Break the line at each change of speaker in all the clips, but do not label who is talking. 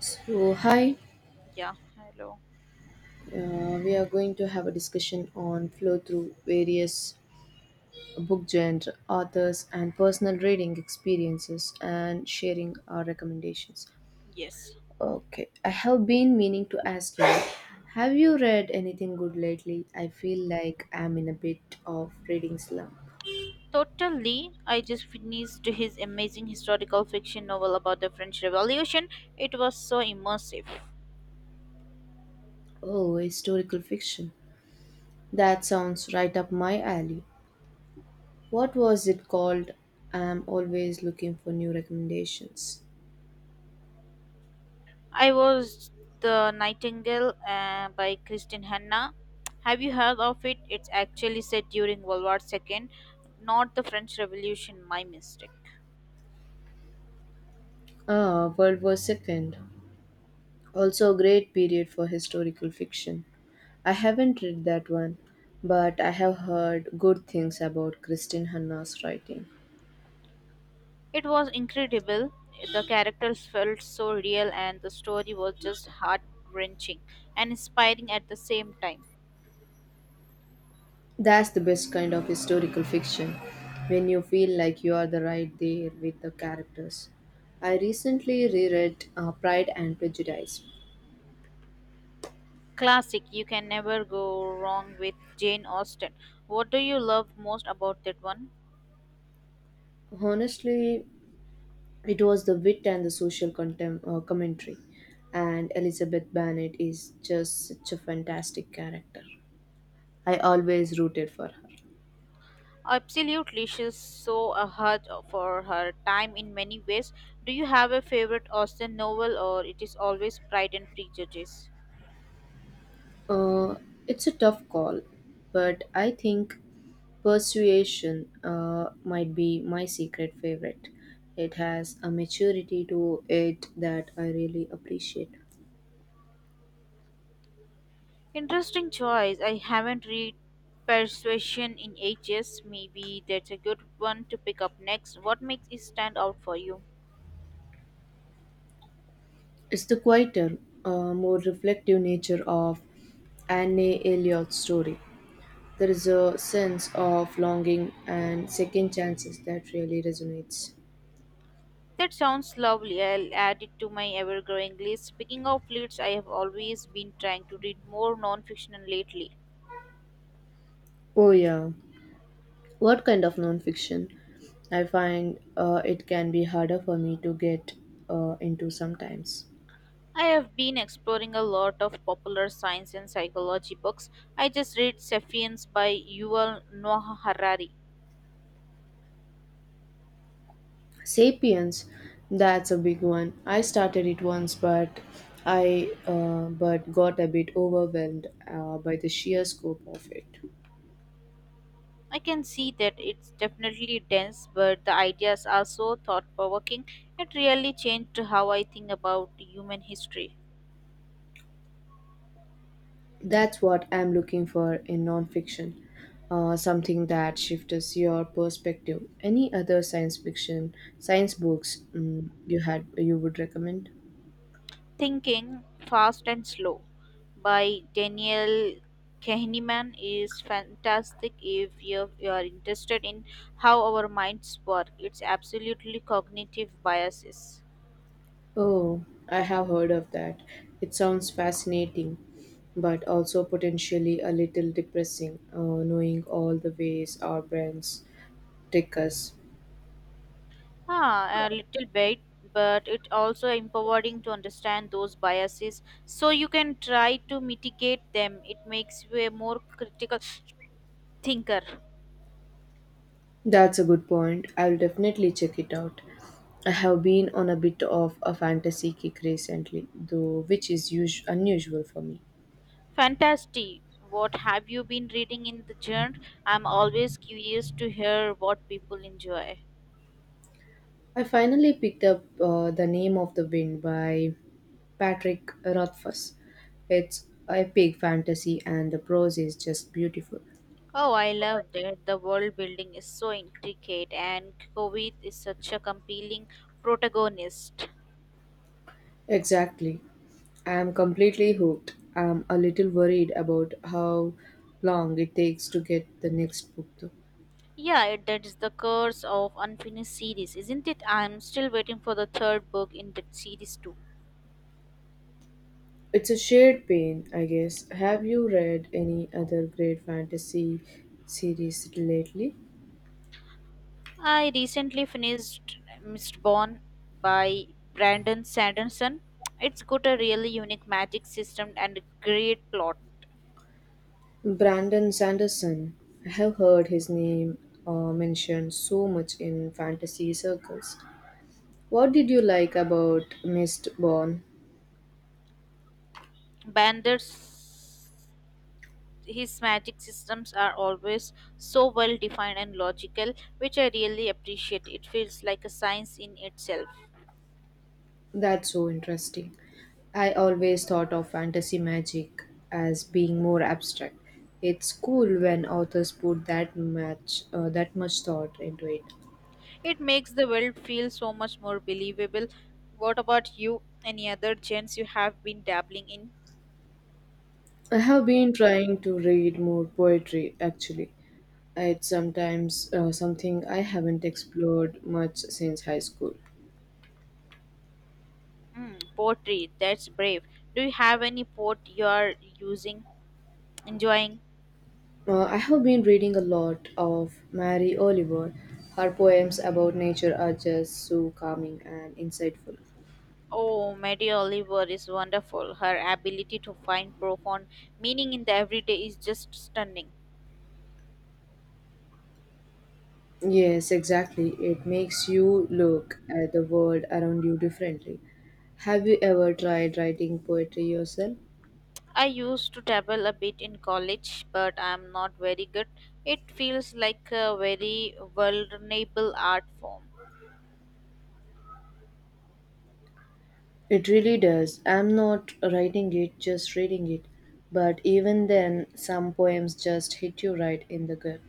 So, hi,
Yeah, hello.
we are going to have a discussion on flow through various book genre, authors, and personal reading experiences and sharing our recommendations.
Yes.
Okay, I have been meaning to ask you, have you read anything good lately? I feel like I'm in a bit of reading slump.
Totally. I just finished his amazing historical fiction novel about the French Revolution. It was so immersive.
Oh, historical fiction. That sounds right up my alley. What was it called? I'm always looking for new recommendations.
I was The Nightingale by Kristin Hanna. Have you heard of it? It's actually set during World War II, not the French Revolution, my mistake.
Ah, World War Second. Also a great period for historical fiction. I haven't read that one, but I have heard good things about Christine Hanna's writing.
It was incredible. The characters felt so real, and the story was just heart wrenching and inspiring at the same time.
That's the best kind of historical fiction, when you feel like you are the right there with the characters. I recently reread Pride and Prejudice.
Classic, you can never go wrong with Jane Austen. What do you love most about that one?
Honestly, it was the wit and the social commentary, and Elizabeth Bennet is just such a fantastic character. I always rooted for her.
Absolutely, she's so ahead for her time in many ways. Do you have a favorite Austen novel, or it is always Pride and Prejudice?
Uh, it's a tough call, but I think Persuasion might be my secret favorite. It has a maturity to it that I really appreciate.
Interesting choice. I haven't read Persuasion in ages. Maybe that's a good one to pick up next. What makes it stand out for you?
It's the quieter, more reflective nature of Anne Elliott's story. There is a sense of longing and second chances that really resonates.
That sounds lovely. I'll add it to my ever growing list. Speaking of leads, I have always been trying to read more non fiction lately.
Oh, yeah. What kind of nonfiction? I find it can be harder for me to get into sometimes.
I have been exploring a lot of popular science and psychology books. I just read Sapiens by Yuval Noah Harari.
Sapiens, that's a big one. I started it once, but got a bit overwhelmed by the sheer scope of it.
I can see that it's definitely dense, but the ideas are so thought provoking. It really changed how I think about human history.
That's what I'm looking for in nonfiction, something that shifts your perspective. Any other science fiction, science books you would recommend?
Thinking Fast and Slow by Daniel Kahneman is fantastic if you are interested in how our minds work. It's absolutely cognitive biases.
Oh, I have heard of that. It sounds fascinating, but also potentially a little depressing, knowing all the ways our brains trick us.
Ah, a little bit, but it also empowering to understand those biases so you can try to mitigate them. It makes you a more critical thinker.
That's a good point. I'll definitely check it out. I have been on a bit of a fantasy kick recently, though, which is unusual for me.
Fantastic. What have you been reading in the genre? I'm always curious to hear what people enjoy.
I finally picked up The Name of the Wind by Patrick Rothfuss. It's epic fantasy, and the prose is just beautiful.
Oh, I love that. The world building is so intricate, and Kovith is such a compelling protagonist.
Exactly. I'm completely hooked. I'm a little worried about how long it takes to get the next book, though.
Yeah, that's the curse of unfinished series, isn't it? I'm still waiting for the third book in that series, too.
It's a shared pain, I guess. Have you read any other great fantasy series lately?
I recently finished Mistborn by Brandon Sanderson. It's got a really unique magic system and a great plot.
Brandon Sanderson. I have heard his name mentioned so much in fantasy circles. What did you like about Mistborn?
Bandit's his magic systems are always so well defined and logical, which I really appreciate. It feels like a science in itself.
That's so interesting. I always thought of fantasy magic as being more abstract. It's cool when authors put that much thought into it.
It makes the world feel so much more believable. What about you? Any other chance you have been dabbling in?
I have been trying to read more poetry actually. It's sometimes something I haven't explored much since high school.
Hmm, poetry, that's brave. Do you have any poet you are using, enjoying?
I have been reading a lot of Mary Oliver. Her poems about nature are just so calming and insightful.
Oh, Mary Oliver is wonderful. Her ability to find profound meaning in the everyday is just stunning.
Yes, exactly. It makes you look at the world around you differently. Have you ever tried writing poetry yourself?
I used to dabble a bit in college, but I am not very good. It feels like a very vulnerable art form.
It really does. I'm not writing it, just reading it. But even then, some poems just hit you right in the gut.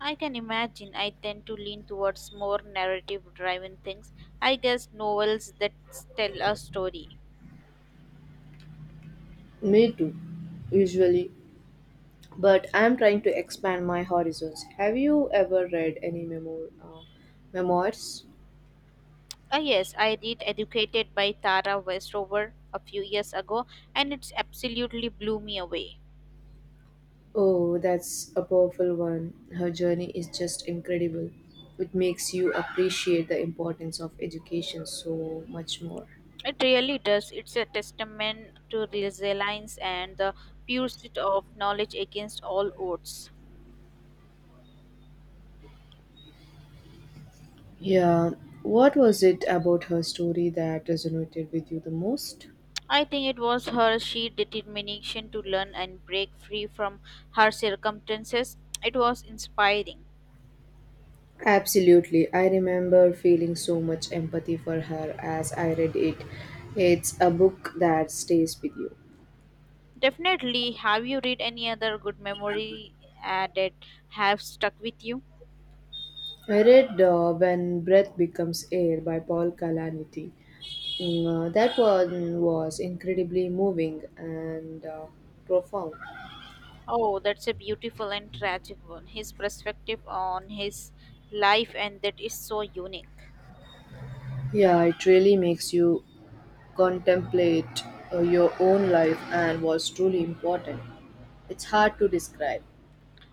I can imagine I tend to lean towards more narrative driven things. I guess novels that tell a story.
Me too, usually. But I'm trying to expand my horizons. Have you ever read memoirs?
Ah, yes, I read Educated by Tara Westover a few years ago, and it's absolutely blew me away.
Oh, that's a powerful one. Her journey is just incredible. It makes you appreciate the importance of education so much more.
It really does. It's a testament to resilience and the pursuit of knowledge against all odds.
Yeah, what was it about her story that resonated with you the most?
I think it was her sheer determination to learn and break free from her circumstances. It was inspiring.
Absolutely. I remember feeling so much empathy for her as I read it. It's a book that stays with you.
Definitely, have you read any other good memory that have stuck with you?
I read When Breath Becomes Air by Paul Kalaniti. That one was incredibly moving and profound.
Oh, that's a beautiful and tragic one. His perspective on his life and that is so unique.
Yeah, it really makes you contemplate your own life and what's truly important. It's hard to describe.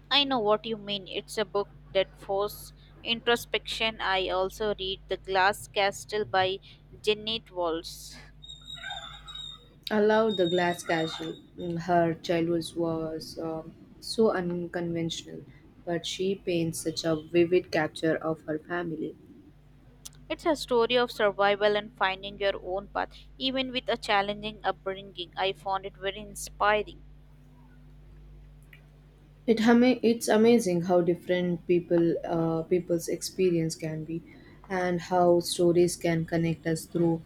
I know what you mean. It's a book that forces introspection. I also read The Glass Castle by Janet Walls.
I love the glass castle. Her childhood was so unconventional, but she paints such a vivid capture of her family.
It's a story of survival and finding your own path, even with a challenging upbringing. I found it very inspiring.
It's amazing how different people's experience can be, and how stories can connect us through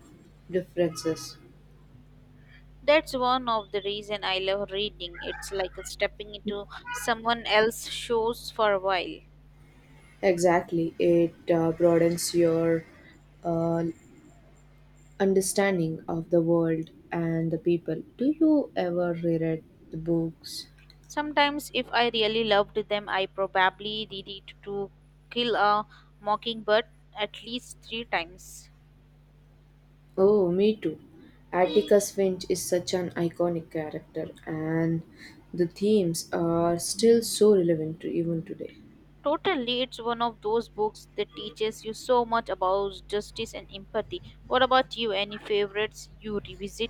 differences.
That's one of the reason I love reading. It's like stepping into someone else's shoes for a while.
Exactly, it broadens your uh, understanding of the world and the people. Do you ever reread the books?
Sometimes, if I really loved them, I probably read it to kill a mockingbird at least 3 times.
Oh, me too. Atticus Finch is such an iconic character, and the themes are still so relevant to even today.
Totally, it's one of those books that teaches you so much about justice and empathy. What about you? Any favorites you revisit?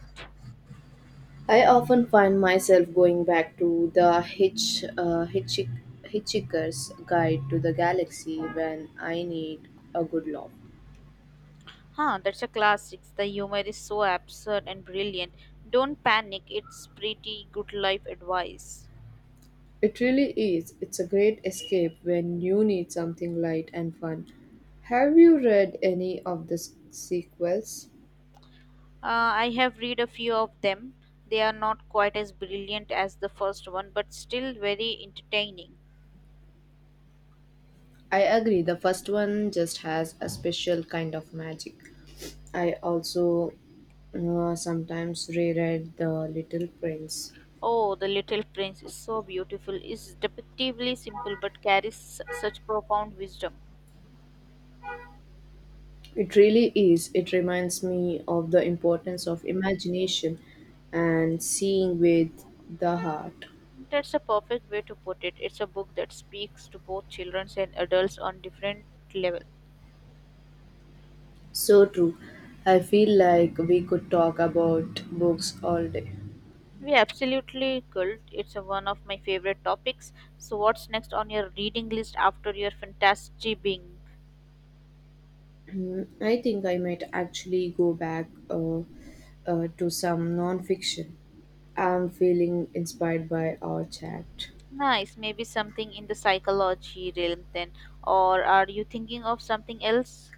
I often find myself going back to the Hitchhiker's Guide to the Galaxy when I need a good laugh.
Huh, that's a classic. The humor is so absurd and brilliant. Don't panic, it's pretty good life advice.
It really is. It's a great escape when you need something light and fun. Have you read any of the sequels?
I have read a few of them. They are not quite as brilliant as the first one, but still very entertaining.
I agree, the first one just has a special kind of magic. I also sometimes reread The Little Prince.
Oh, The Little Prince is so beautiful. It's depictively simple but carries such profound wisdom.
It really is. It reminds me of the importance of imagination and seeing with the heart.
That's a perfect way to put it. It's a book that speaks to both children and adults on different levels.
So true. I feel like we could talk about books all day.
We absolutely could. It's a, one of my favorite topics. So, what's next on your reading list after your fantasy being?
I think I might actually go back to some nonfiction. I'm feeling inspired by our chat.
Nice. Maybe something in the psychology realm then. Or are you thinking of something else?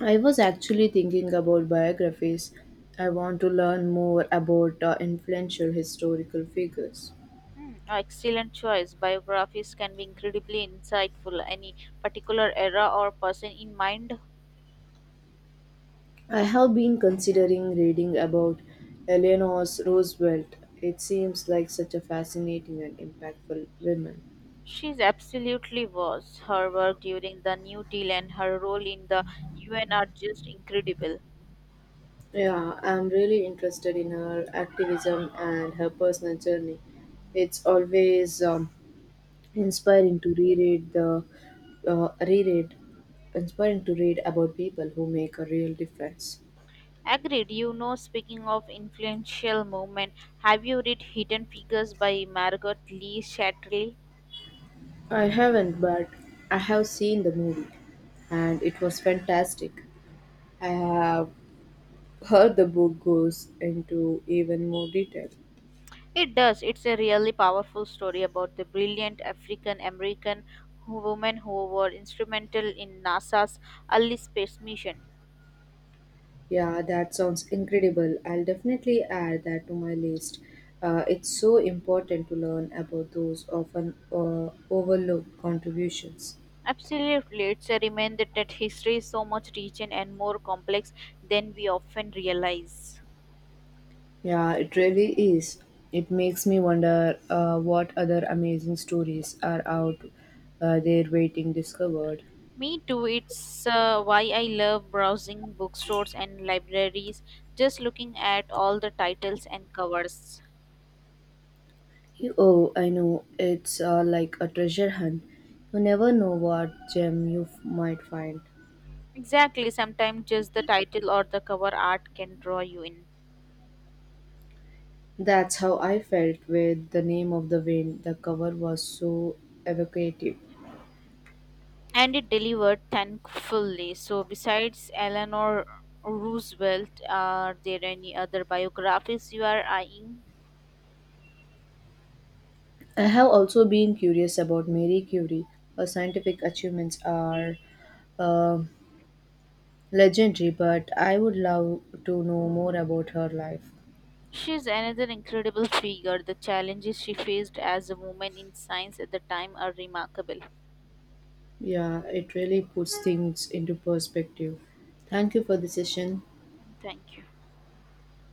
I was actually thinking about biographies. I want to learn more about influential historical figures.
Hmm, excellent choice. Biographies can be incredibly insightful. Any particular era or person in mind?
I have been considering reading about Eleanor Roosevelt. It seems like such a fascinating and impactful woman.
She's absolutely was. Her work during the New Deal and her role in the UN are just incredible.
Yeah, I'm really interested in her activism and her personal journey. It's always inspiring to reread the reread inspiring to read about people who make a real difference.
Agreed. You know, speaking of influential movement, have you read Hidden Figures by Margot Lee Shatley?
I haven't, but I have seen the movie, and it was fantastic. I have Her the book goes into even more detail.
It does. It's a really powerful story about the brilliant African American women who were instrumental in NASA's early space mission.
Yeah, that sounds incredible. I'll definitely add that to my list. It's so important to learn about those often overlooked contributions.
Absolutely, it's a reminder that history is so much richer and more complex than we often realize.
Yeah, it really is. It makes me wonder what other amazing stories are out there waiting discovered.
Me too. It's why I love browsing bookstores and libraries, just looking at all the titles and covers.
Oh, I know. It's like a treasure hunt. You never know what gem might find.
Exactly, sometimes just the title or the cover art can draw you in.
That's how I felt with The Name of the Wind. The cover was so evocative.
And it delivered thankfully. So, besides Eleanor Roosevelt, are there any other biographies you are eyeing?
I have also been curious about Marie Curie. Her scientific achievements are um legendary, but I would love to know more about her life.
She's another incredible figure. The challenges she faced as a woman in science at the time are remarkable.
Yeah, it really puts things into perspective. Thank you for the session.
Thank you.